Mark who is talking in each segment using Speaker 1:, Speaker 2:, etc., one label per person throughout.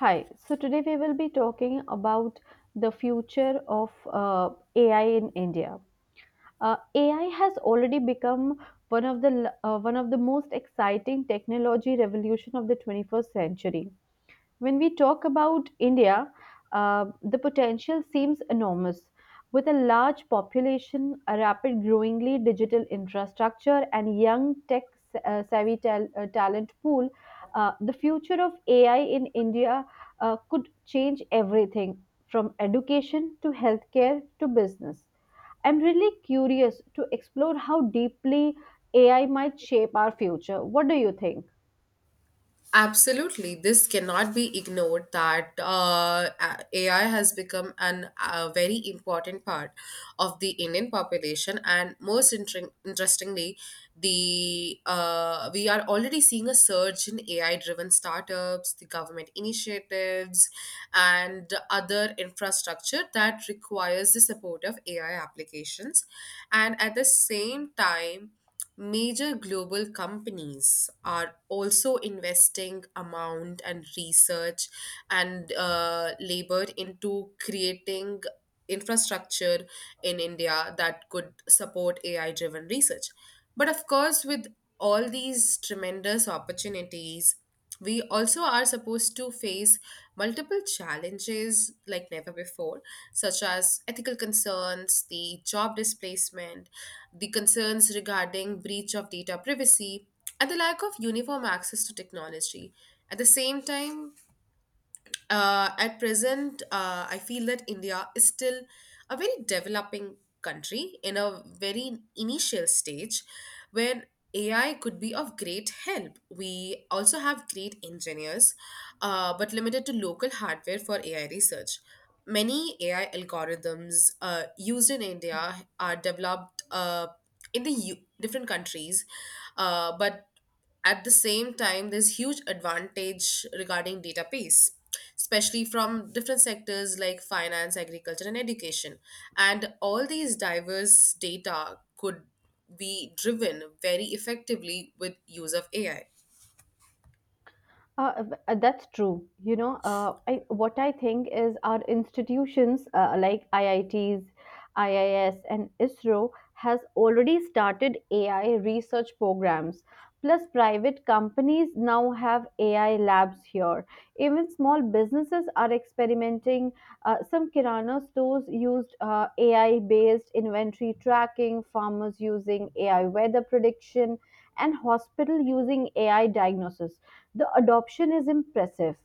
Speaker 1: Hi. So today we will be talking about the future of AI in India. AI has already become one of the most exciting technology revolution of the 21st century. When we talk about India, the potential seems enormous. With a large population, a rapid growingly digital infrastructure, and young tech savvy talent pool, the future of AI in India could change everything from education to healthcare to business. I'm really curious to explore how deeply AI might shape our future. What do you think?
Speaker 2: Absolutely, this cannot be ignored that AI has become an a very important part of the Indian population, and most interestingly, the we are already seeing a surge in AI-driven startups, the government initiatives, and other infrastructure that requires the support of AI applications, and at the same time, major global companies are also investing amount and research and labor into creating infrastructure in India that could support AI driven research. But of course, with all these tremendous opportunities, we also are supposed to face multiple challenges like never before, such as ethical concerns, the job displacement, the concerns regarding breach of data privacy, and the lack of uniform access to technology. At the same time, at present, I feel that India is still a very developing country in a very initial stage where AI could be of great help. We also have great engineers, but limited to local hardware for AI research. Many AI algorithms used in India are developed in the different countries, but at the same time, there's huge advantage regarding data piece, especially from different sectors like finance, agriculture, and education. And all these diverse data could be driven very effectively with use of AI.
Speaker 1: That's true. What I think is our institutions like IITs, IIS, and ISRO has already started AI research programs. Plus, private companies now have AI labs here. Even small businesses are experimenting, some kirana stores used AI based inventory tracking, farmers using AI weather prediction, and hospital using AI diagnosis. The adoption is impressive.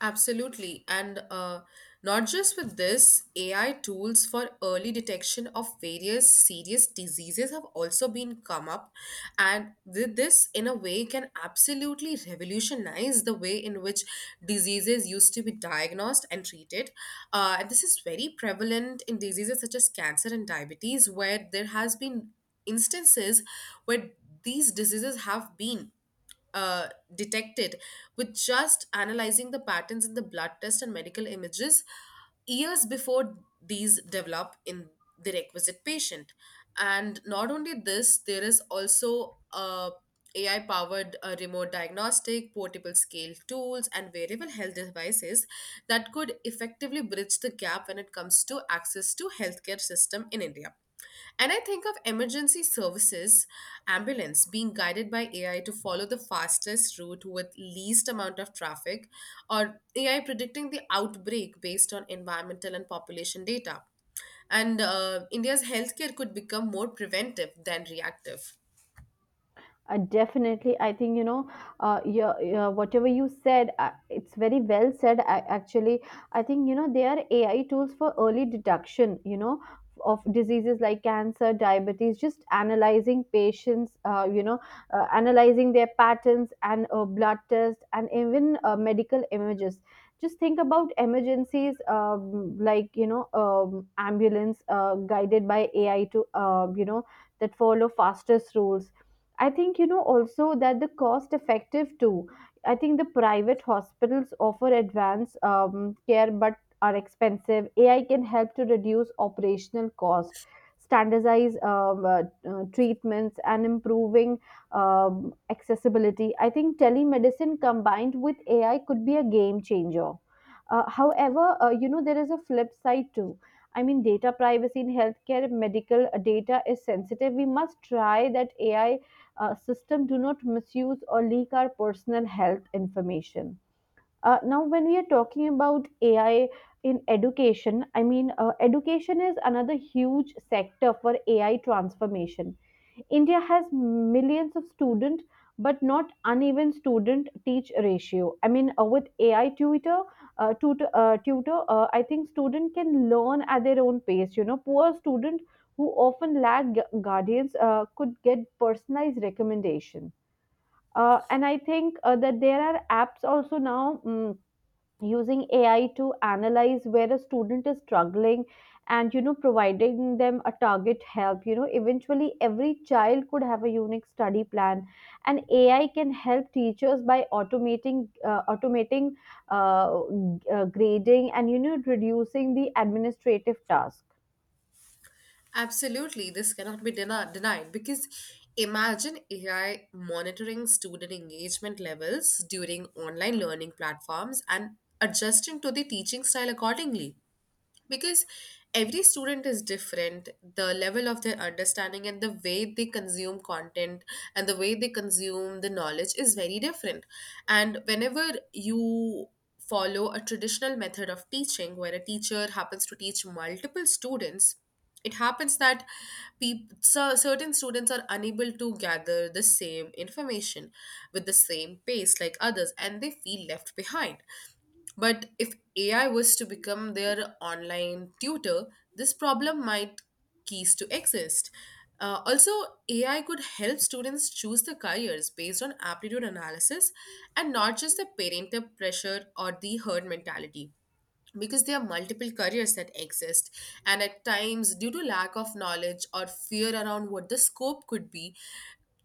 Speaker 2: Absolutely. And not just with this, AI tools for early detection of various serious diseases have also been come up. And with this, in a way, can absolutely revolutionize the way in which diseases used to be diagnosed and treated. And this is very prevalent in diseases such as cancer and diabetes, where there has been instances where these diseases have been uh, detected with just analyzing the patterns in the blood test and medical images years before these develop in the requisite patient. And not only this, there is also a AI powered remote diagnostic, portable scale tools, and wearable health devices that could effectively bridge the gap when it comes to access to healthcare system in India. And I think of emergency services, ambulance being guided by AI to follow the fastest route with least amount of traffic, or AI predicting the outbreak based on environmental and population data. And India's healthcare could become more preventive than reactive.
Speaker 1: Definitely, I think, yeah, yeah, whatever you said, it's very well said. Actually, I think you know they are AI tools for early detection. You know, of diseases like cancer, diabetes, just analyzing patients. Analyzing their patterns and blood tests and even medical images. Just think about emergencies, like you know, ambulance guided by AI to, you know, that follow fastest rules. I think you know also that the cost effective too. I think the private hospitals offer advanced care but are expensive. AI can help to reduce operational cost, standardize treatments, and improving accessibility. I think telemedicine combined with AI could be a game changer. However, you know there is a flip side too. I mean, data privacy in healthcare, medical data is sensitive. We must try that AI system do not misuse or leak our personal health information. Now, when we are talking about AI in education, I mean, education is another huge sector for AI transformation. India has millions of students, but not uneven student teach ratio. I mean, with AI tutor, I think student can learn at their own pace. You know, poor student who often guardians could get personalized recommendation. And I think that there are apps also now, using AI to analyze where a student is struggling and you know providing them a target help. You know eventually every child could have a unique study plan, and AI can help teachers by automating uh, grading and you know reducing the administrative task.
Speaker 2: Absolutely, this cannot be denied because imagine AI monitoring student engagement levels during online learning platforms and adjusting to the teaching style accordingly, because every student is different. The level of their understanding and the way they consume content and the way they consume the knowledge is very different, and whenever you follow a traditional method of teaching where a teacher happens to teach multiple students, it happens that certain students are unable to gather the same information with the same pace like others and they feel left behind. But if AI was to become their online tutor, this problem might cease to exist. Also, AI could help students choose the careers based on aptitude analysis and not just the parental pressure or the herd mentality, because there are multiple careers that exist, and at times due to lack of knowledge or fear around what the scope could be,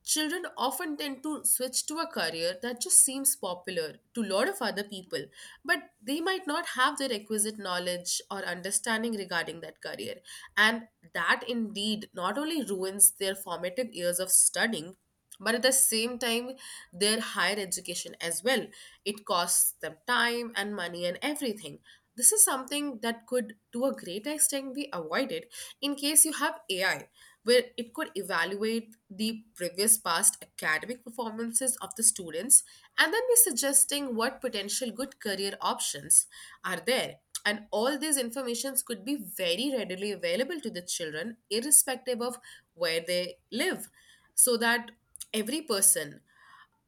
Speaker 2: children often tend to switch to a career that just seems popular to a lot of other people, but they might not have the requisite knowledge or understanding regarding that career. And that indeed not only ruins their formative years of studying, but at the same time their higher education as well. It costs them time and money and everything. This is something that could, to a great extent, be avoided in case you have AI, where it could evaluate the previous past academic performances of the students and then be suggesting what potential good career options are there. And all these informations could be very readily available to the children, irrespective of where they live, so that every person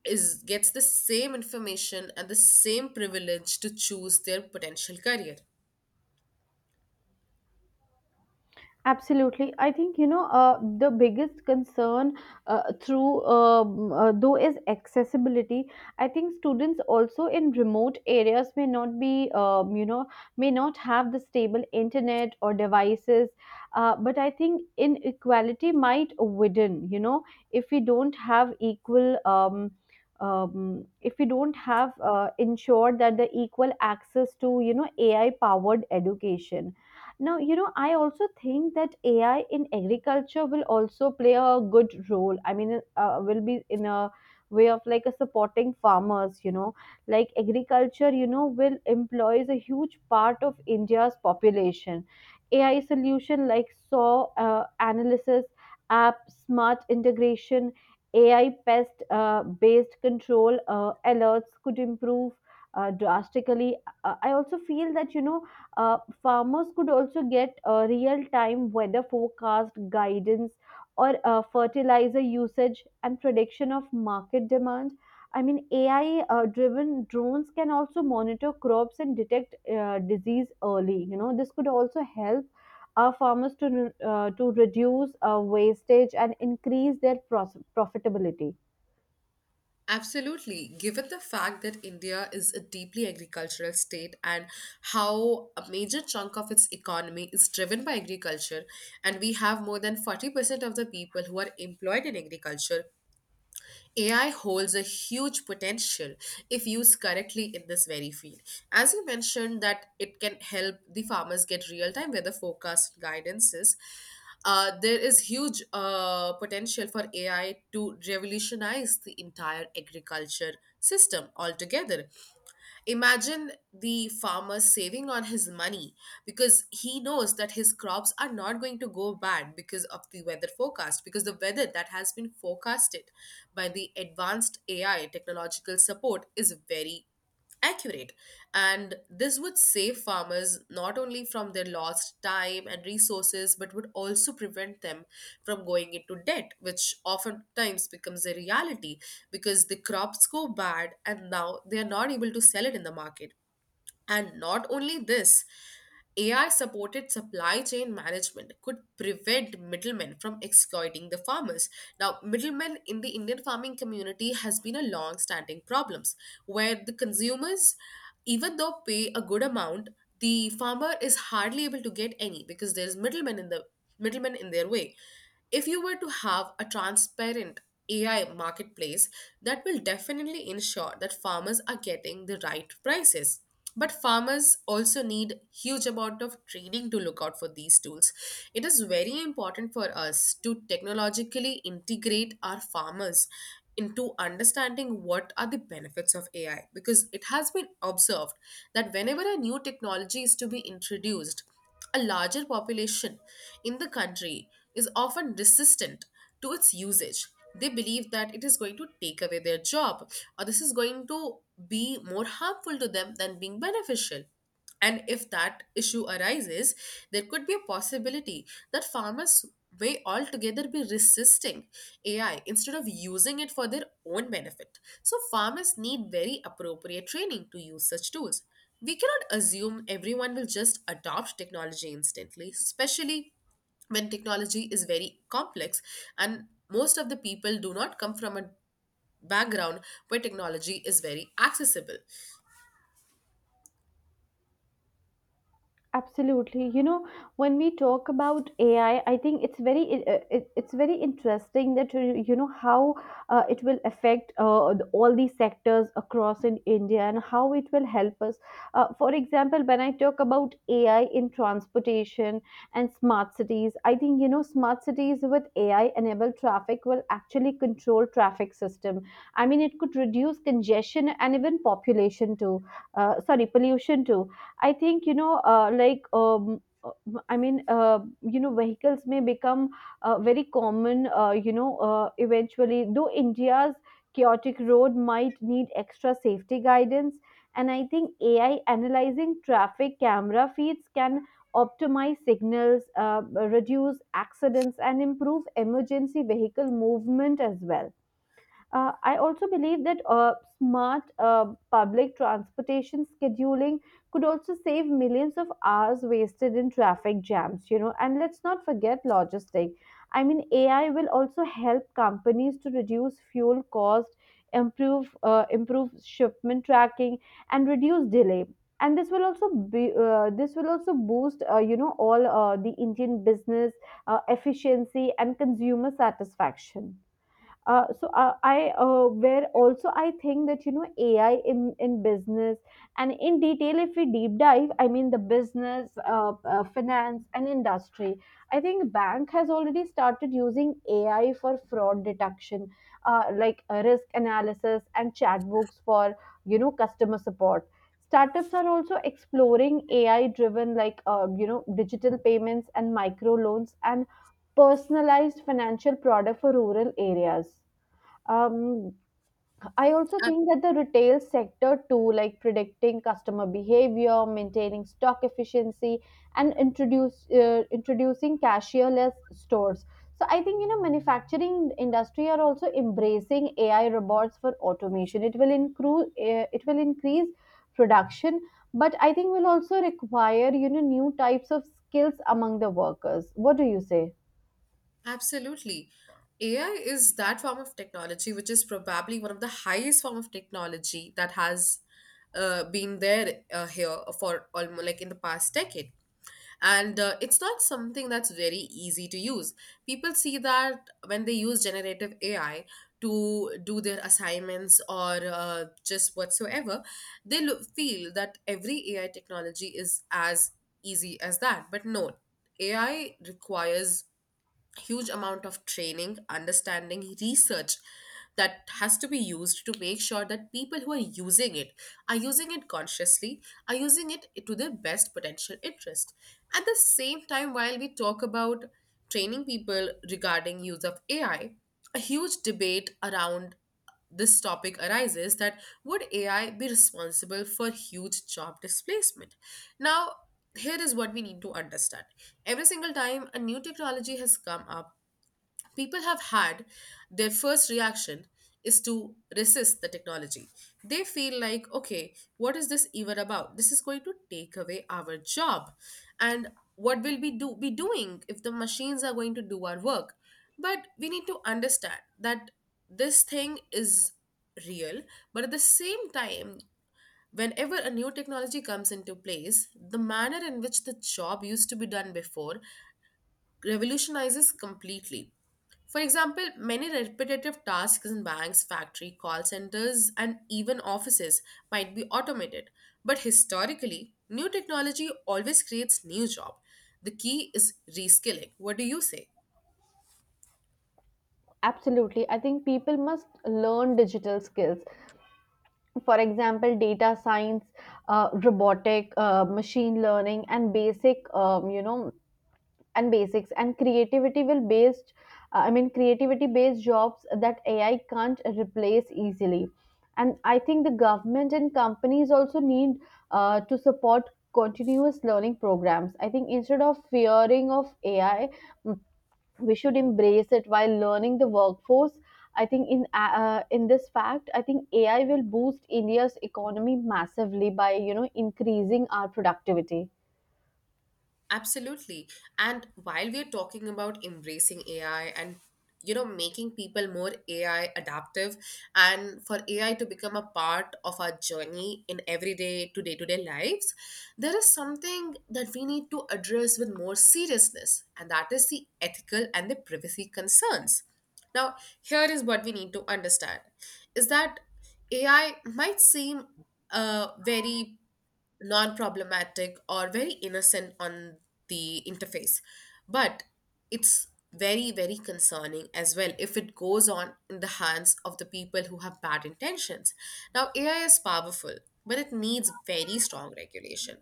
Speaker 2: is gets the same information and the same privilege to choose their potential career.
Speaker 1: Absolutely. I think, the biggest concern, though, is accessibility. I think students also in remote areas may not be, may not have the stable internet or devices. But I think inequality might widen, you know, if we don't have equal. If we don't have ensured that the equal access to, you know, AI powered education. Now, you know, I also think that AI in agriculture will also play a good role. I mean, will be in a way of like a supporting farmers, you know, like agriculture, you know, will employs a huge part of India's population. AI solution like saw analysis app, smart integration, AI pest based control alerts could improve drastically. I also feel that, you know, farmers could also get real-time weather forecast guidance or fertilizer usage and prediction of market demand. I mean, AI-driven drones can also monitor crops and detect disease early. You know, this could also help our farmers to, to reduce wastage and increase their profitability.
Speaker 2: Absolutely. Given the fact that India is a deeply agricultural state and how a major chunk of its economy is driven by agriculture, and we have more than 40% of the people who are employed in agriculture, AI holds a huge potential if used correctly in this very field. As you mentioned, that it can help the farmers get real time weather forecast guidances. There is huge potential for AI to revolutionize the entire agriculture system altogether. Imagine the farmer saving on his money because he knows that his crops are not going to go bad because of the weather forecast, because the weather that has been forecasted by the advanced AI technological support is very accurate rate. And this would save farmers not only from their lost time and resources, but would also prevent them from going into debt, which oftentimes becomes a reality because the crops go bad and now they are not able to sell it in the market. And not only this, AI supported supply chain management could prevent middlemen from exploiting the farmers. Now, middlemen in the Indian farming community has been a long standing problems where the consumers even though pay a good amount, the farmer is hardly able to get any because there's middlemen in their way. If you were to have a transparent AI marketplace, that will definitely ensure that farmers are getting the right prices. But farmers also need huge amount of training to look out for these tools. It is very important for us to technologically integrate our farmers into understanding what are the benefits of AI, because it has been observed that whenever a new technology is to be introduced, a larger population in the country is often resistant to its usage. They believe that it is going to take away their job or this is going to be more harmful to them than being beneficial. And if that issue arises, there could be a possibility that farmers may altogether be resisting AI instead of using it for their own benefit. So, farmers need very appropriate training to use such tools. We cannot assume everyone will just adopt technology instantly, especially when technology is very complex and most of the people do not come from a background where technology is very accessible.
Speaker 1: Absolutely. You know, when we talk about AI, I think it's very interesting that you know how it will affect, the- all these sectors across in India and how it will help us. For example, when I talk about AI in transportation and smart cities, I think you know smart cities with AI enabled traffic will actually control traffic system. I mean, it could reduce congestion and even population too. Sorry, pollution too. I think you know, like I mean, You know, vehicles may become very common. Eventually, though India's chaotic road might need extra safety guidance, and I think AI analyzing traffic camera feeds can optimize signals, reduce accidents, and improve emergency vehicle movement as well. I also believe that smart public transportation scheduling could also save millions of hours wasted in traffic jams, you know. And let's not forget logistics. I mean, AI will also help companies to reduce fuel cost, improve shipment tracking, and reduce delay. And this will also be this will also boost, you know, all the Indian business efficiency and consumer satisfaction. So I Where also I think that you know AI in business and in detail, if we deep dive, I mean the business, finance and industry, I think bank has already started using AI for fraud detection, risk analysis and chatbooks for, you know, customer support. Startups are also exploring AI driven, you know, digital payments and micro loans and personalized financial product for rural areas. um, I also
Speaker 2: Ab-
Speaker 1: think that the retail sector too, like predicting customer behavior, maintaining stock efficiency, and introduce introducing cashierless stores. So I think you know manufacturing industry are also embracing AI robots for automation. It will increase production, but I think will also require, you know, new types of skills among the workers. What do you say?
Speaker 2: Absolutely. AI is that form of technology which is probably one of the highest form of technology that has been there here for almost like in the past decade, and it's not something that's very easy to use. People see that when they use generative AI to do their assignments or just whatsoever, they feel that every AI technology is as easy as that. But no, AI requires huge amount of training, understanding, research that has to be used to make sure that people who are using it consciously, are using it to their best potential interest. At the same time, while we talk about training people regarding use of AI, a huge debate around this topic arises that would AI be responsible for huge job displacement? Now, here is what we need to understand. Every single time a new technology has come up, people have had their first reaction is to resist the technology. They feel like, okay, what is this even about? This is going to take away our job. And what will we do be doing if the machines are going to do our work? But we need to understand that this thing is real, but at the same time, whenever a new technology comes into place, the manner in which the job used to be done before revolutionizes completely. For example, many repetitive tasks in banks, factory, call centers, and even offices might be automated. But historically, new technology always creates new job. The key is reskilling. What do you say?
Speaker 1: Absolutely. I think people must learn digital skills, for example data science, robotic, machine learning, and basics, and creativity will based I mean creativity based jobs that AI can't replace easily. And I think the government and companies also need to support continuous learning programs. I think instead of fearing of AI, we should embrace it while learning the workforce. I think in this fact, I think AI will boost India's economy massively by, you know, increasing our productivity.
Speaker 2: Absolutely. And while we're talking about embracing AI and you know making people more AI adaptive and for AI to become a part of our journey in everyday to day-to-day lives, there is something that we need to address with more seriousness, and that is the ethical and the privacy concerns. Now, here is what we need to understand is that AI might seem a very non problematic or very innocent on the interface. But it's very, very concerning as well if it goes on in the hands of the people who have bad intentions. Now, AI is powerful, but it needs very strong regulation.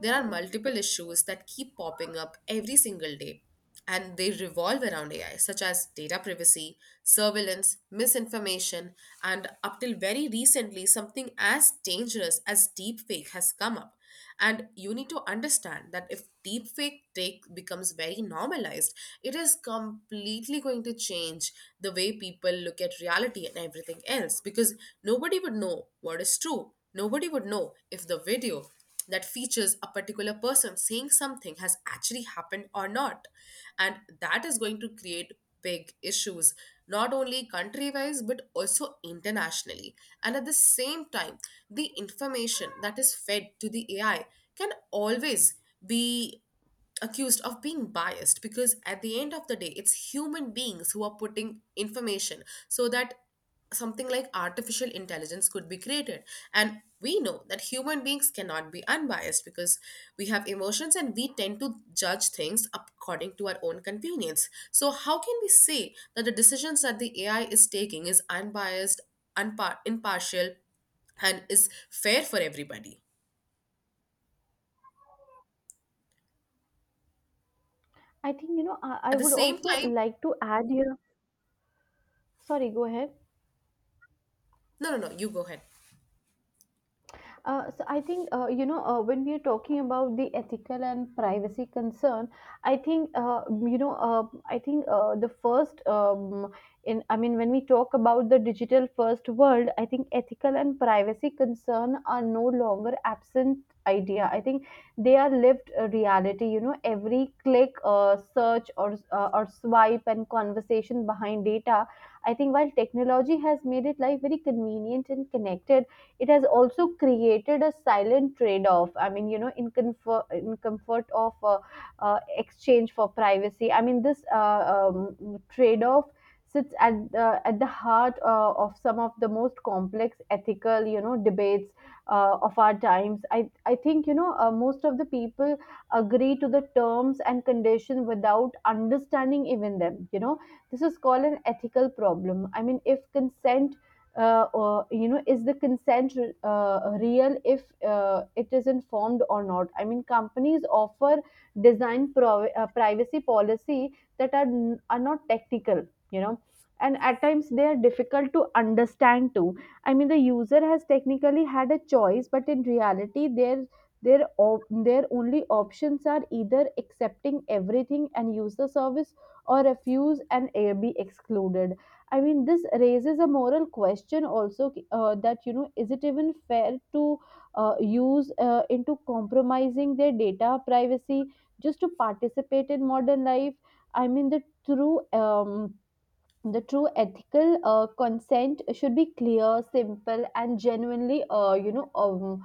Speaker 2: There are multiple issues that keep popping up every single day and they revolve around AI, such as data privacy, surveillance, misinformation, and up till very recently, something as dangerous as deepfake has come up. And you need to understand that if deepfake take becomes very normalized, it is completely going to change the way people look at reality and everything else because nobody would know what is true. Nobody would know if the video that features a particular person saying something has actually happened or not, and that is going to create big issues, not only country wise but also internationally. And at the same time, the information that is fed to the AI can always be accused of being biased, because at the end of the day it's human beings who are putting information so that something like artificial intelligence could be created. And we know that human beings cannot be unbiased, because we have emotions and we tend to judge things according to our own convenience. So how can we say that the decisions that the AI is taking is unbiased, impartial, and is fair for everybody
Speaker 1: I think you know I
Speaker 2: at the
Speaker 1: would
Speaker 2: same
Speaker 1: also
Speaker 2: time?
Speaker 1: like to add here. Sorry, go ahead.
Speaker 2: No, no, no, you go ahead.
Speaker 1: So I think, you know when we are talking about the ethical and privacy concern, I think I think, the first, in I mean, when we talk about the digital first world, I think ethical and privacy concern are no longer absent idea. I think they are lived reality. You know every click, search or, or swipe and conversation behind data. I think while technology has made it life very convenient and connected, it has also created a silent trade off. I mean you know in comfort of, exchange for privacy. I mean this, trade off sits at the heart of some of the most complex ethical, you know, debates of our times. I think, you know, most of the people agree to the terms and conditions without understanding even them, you know. This is called an ethical problem. I mean, if consent, is the consent real, if it is informed or not. I mean companies offer privacy policy that are not technical, you know, and at times they are difficult to understand too. I mean the user has technically had a choice but in reality their only options are either accepting everything and use the service or refuse and, be excluded. I mean, this raises a moral question also, that, you know, is it even fair to use into compromising their data privacy just to participate in modern life? I mean, the true ethical consent should be clear, simple, and genuinely, you know,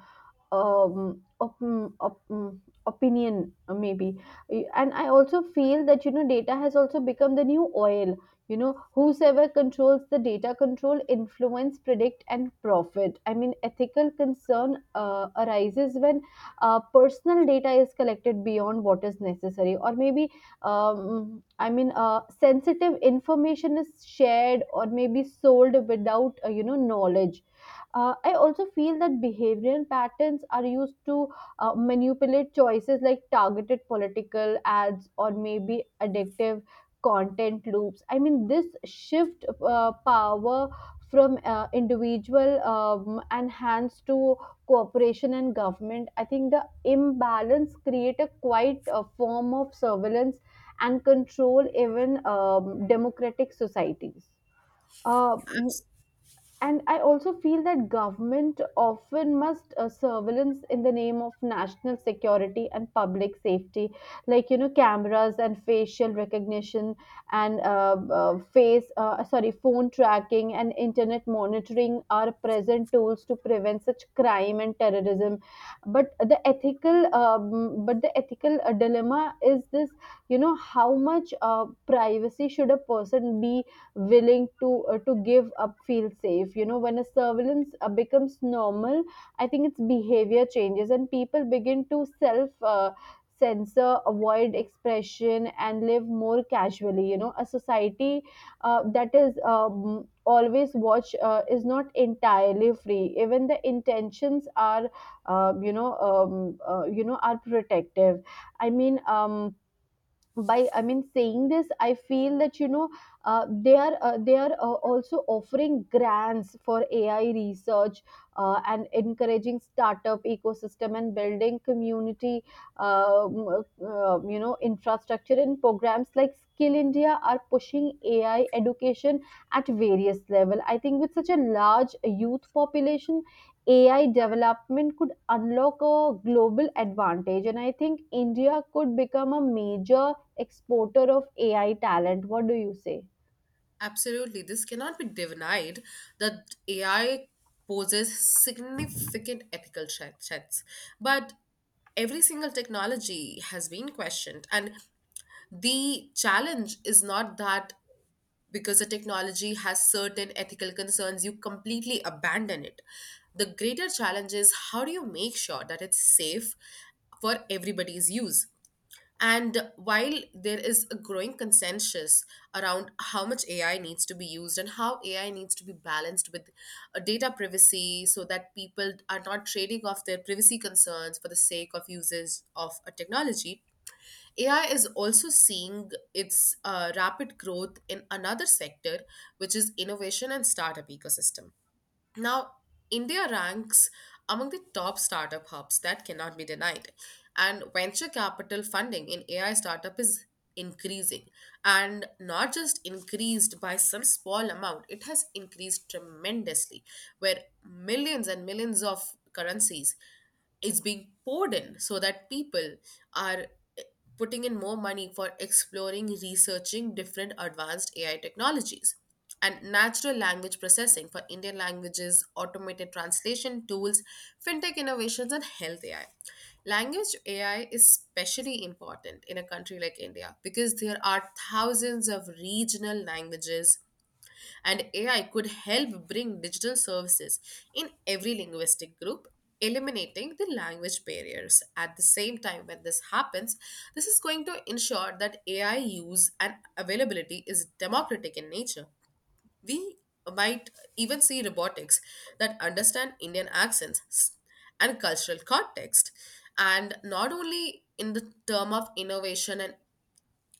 Speaker 1: op- mm, opinion maybe. And I also feel that you know data has also become the new oil. You know whosoever controls the data control influence predict and profit. I mean ethical concern arises when personal data is collected beyond what is necessary or maybe, sensitive information is shared or maybe sold without, you know, knowledge. I also feel that behavioral patterns are used to manipulate choices like targeted political ads or maybe addictive content loops. I mean, this shift power from individual and hands to cooperation and government. I think the imbalance create a quite a form of surveillance and control even democratic societies. uh, and I also feel that government often must surveillance in the name of national security and public safety, like cameras and facial recognition and face sorry, phone tracking and internet monitoring are present tools to prevent such crime and terrorism. But the ethical dilemma is this. How much privacy should a person be willing to to give up feel safe? When a surveillance becomes normal, I think its behavior changes and people begin to self censor, avoid expression and live more casually. A society that is always watch is not entirely free, even the intentions are are protective. I mean, by saying this, I feel that they are also offering grants for AI research, and encouraging startup ecosystem and building community, infrastructure, and programs like Skill India are pushing AI education at various level. I think with such a large youth population, AI development could unlock a global advantage, and I think india could become a major exporter of AI talent. What do you say?
Speaker 2: Absolutely. This cannot be denied that AI poses significant ethical threats. But every single technology has been questioned. And the challenge is not that because a technology has certain ethical concerns, you completely abandon it. The greater challenge is how do you make sure that it's safe for everybody's use? And while there is a growing consensus around how much AI needs to be used and how AI needs to be balanced with data privacy, so that people are not trading off their privacy concerns for the sake of uses of a technology, AI is also seeing its rapid growth in another sector, which is innovation and startup ecosystem. Now, India ranks among the top startup hubs, that cannot be denied. And venture capital funding in AI startup is increasing. And not just increased by some small amount, it has increased tremendously, where millions and millions of currencies is being poured in so that people are eh, putting in more money for exploring, researching different advanced AI technologies. And natural language processing for Indian languages, automated translation tools, fintech innovations, and health AI. Language AI is especially important in a country like India, because there are thousands of regional languages and AI could help bring digital services in every linguistic group, eliminating the language barriers. At the same time, when this happens, this is going to ensure that AI use and availability is democratic in nature. We might even see robotics that understand Indian accents and cultural context. And not only in the term of innovation and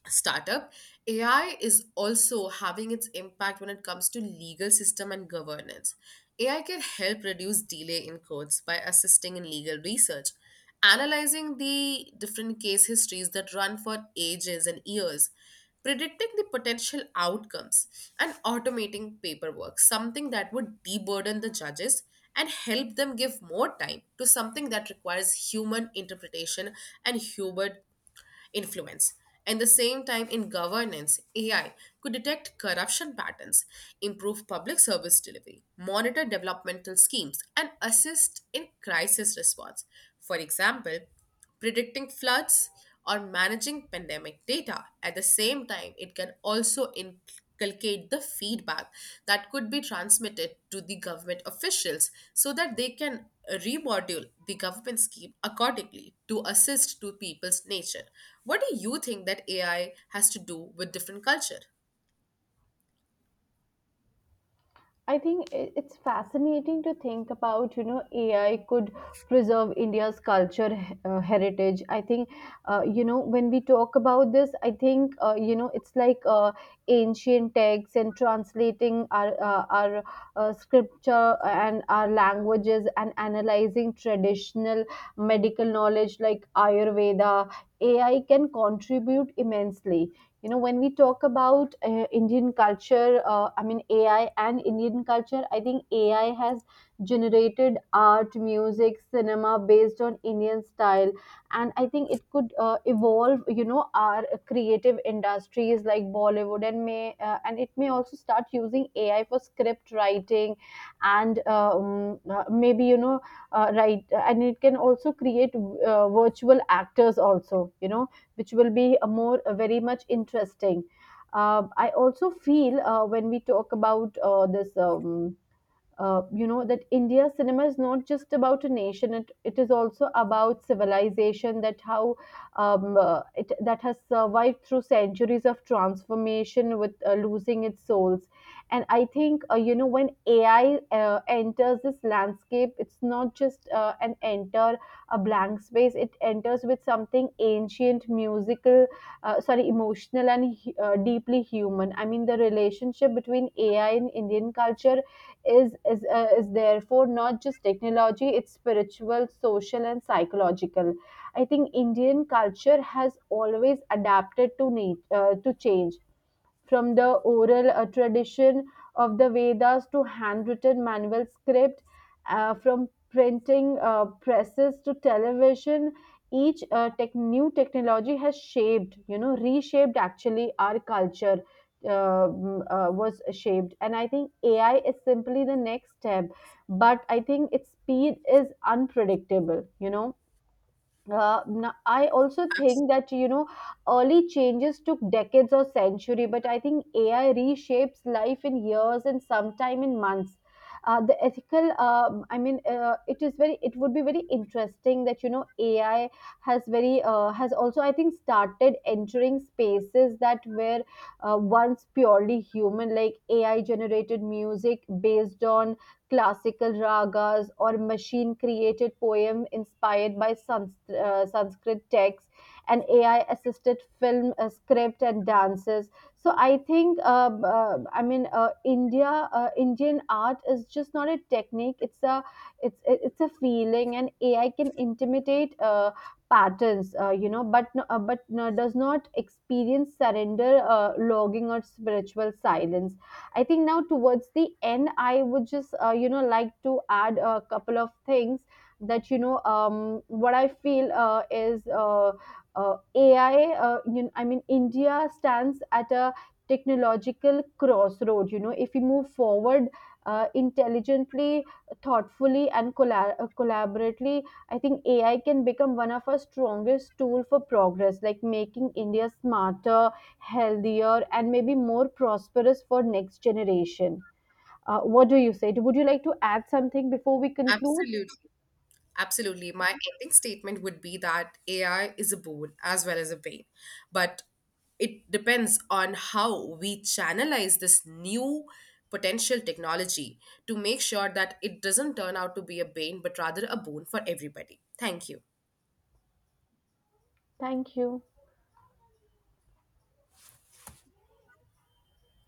Speaker 2: startup, AI is also having its impact when it comes to legal system and governance. AI can help reduce delay in courts by assisting in legal research, analyzing the different case histories that run for ages and years, predicting the potential outcomes, and automating paperwork, something that would deburden the judges and help them give more time to something that requires human interpretation and human influence. And the same time, in governance, AI could detect corruption patterns, improve public service delivery, monitor developmental schemes, and assist in crisis response. For example, predicting floods or managing pandemic data. At the same time, it can also inculcate the feedback that could be transmitted to the government officials so that they can remodel the government scheme accordingly to assist to people's nature. What do you think that AI has to do with different culture?
Speaker 1: I think it's fascinating to think about, you know, AI could preserve India's culture, heritage. I think, when we talk about this, I think, it's like ancient texts, and translating our scripture and our languages, and analyzing traditional medical knowledge like Ayurveda. AI can contribute immensely. When we talk about indian culture, AI and indian culture, I think AI has generated art, music, cinema based on indian style. And I think it could evolve, you know, our creative industries like Bollywood, and may and it may also start using AI for script writing, and maybe, you know, right. And it can also create virtual actors also, you know, which will be a very much interesting. I also feel when we talk about this. You know that india cinema is not just about a nation, it is also about civilization, that how it that has survived through centuries of transformation with losing its souls. And I think, when AI enters this landscape, it's not just an enter a blank space. It enters with something ancient, musical, sorry, emotional, and deeply human. I mean, the relationship between AI and indian culture is therefore not just technology. It's spiritual, social and psychological. I think indian culture has always adapted to need, to change, from the oral tradition of the Vedas to handwritten manual script, from printing presses to television. Each new technology has shaped, you know, reshaped actually our culture. Was shaped, and I think AI is simply the next step. But I think its speed is unpredictable. You know, I also
Speaker 2: Abs-
Speaker 1: think that you know early changes took decades or century, but I think AI reshapes life in years and sometime in months. The ethical, it is very. It would be very interesting that you know AI has very, has also, I think, started entering spaces that were once purely human, like AI generated music based on classical ragas, or machine created poem inspired by sanskrit texts, and AI assisted film script and dances. So I think india, indian art is just not a technique. It's it's a feeling, and AI can intimidate patterns, but no, does not experience surrender, logging, or spiritual silence. I think now towards the end, I would just like to add a couple of things that what I feel is AI. I mean, India stands at a technological crossroad. You know, if we move forward intelligently, thoughtfully, and collaboratively, I think AI can become one of our strongest tool for progress, like making India smarter, healthier, and maybe more prosperous for next generation. What do you say? Would you like to add something before we conclude?
Speaker 2: Absolutely. Absolutely. My ending statement would be that AI is a boon as well as a pain. But it depends on how we channelize this new potential technology to make sure that it doesn't turn out to be a bane, but rather a boon for everybody. Thank you.
Speaker 1: Thank you.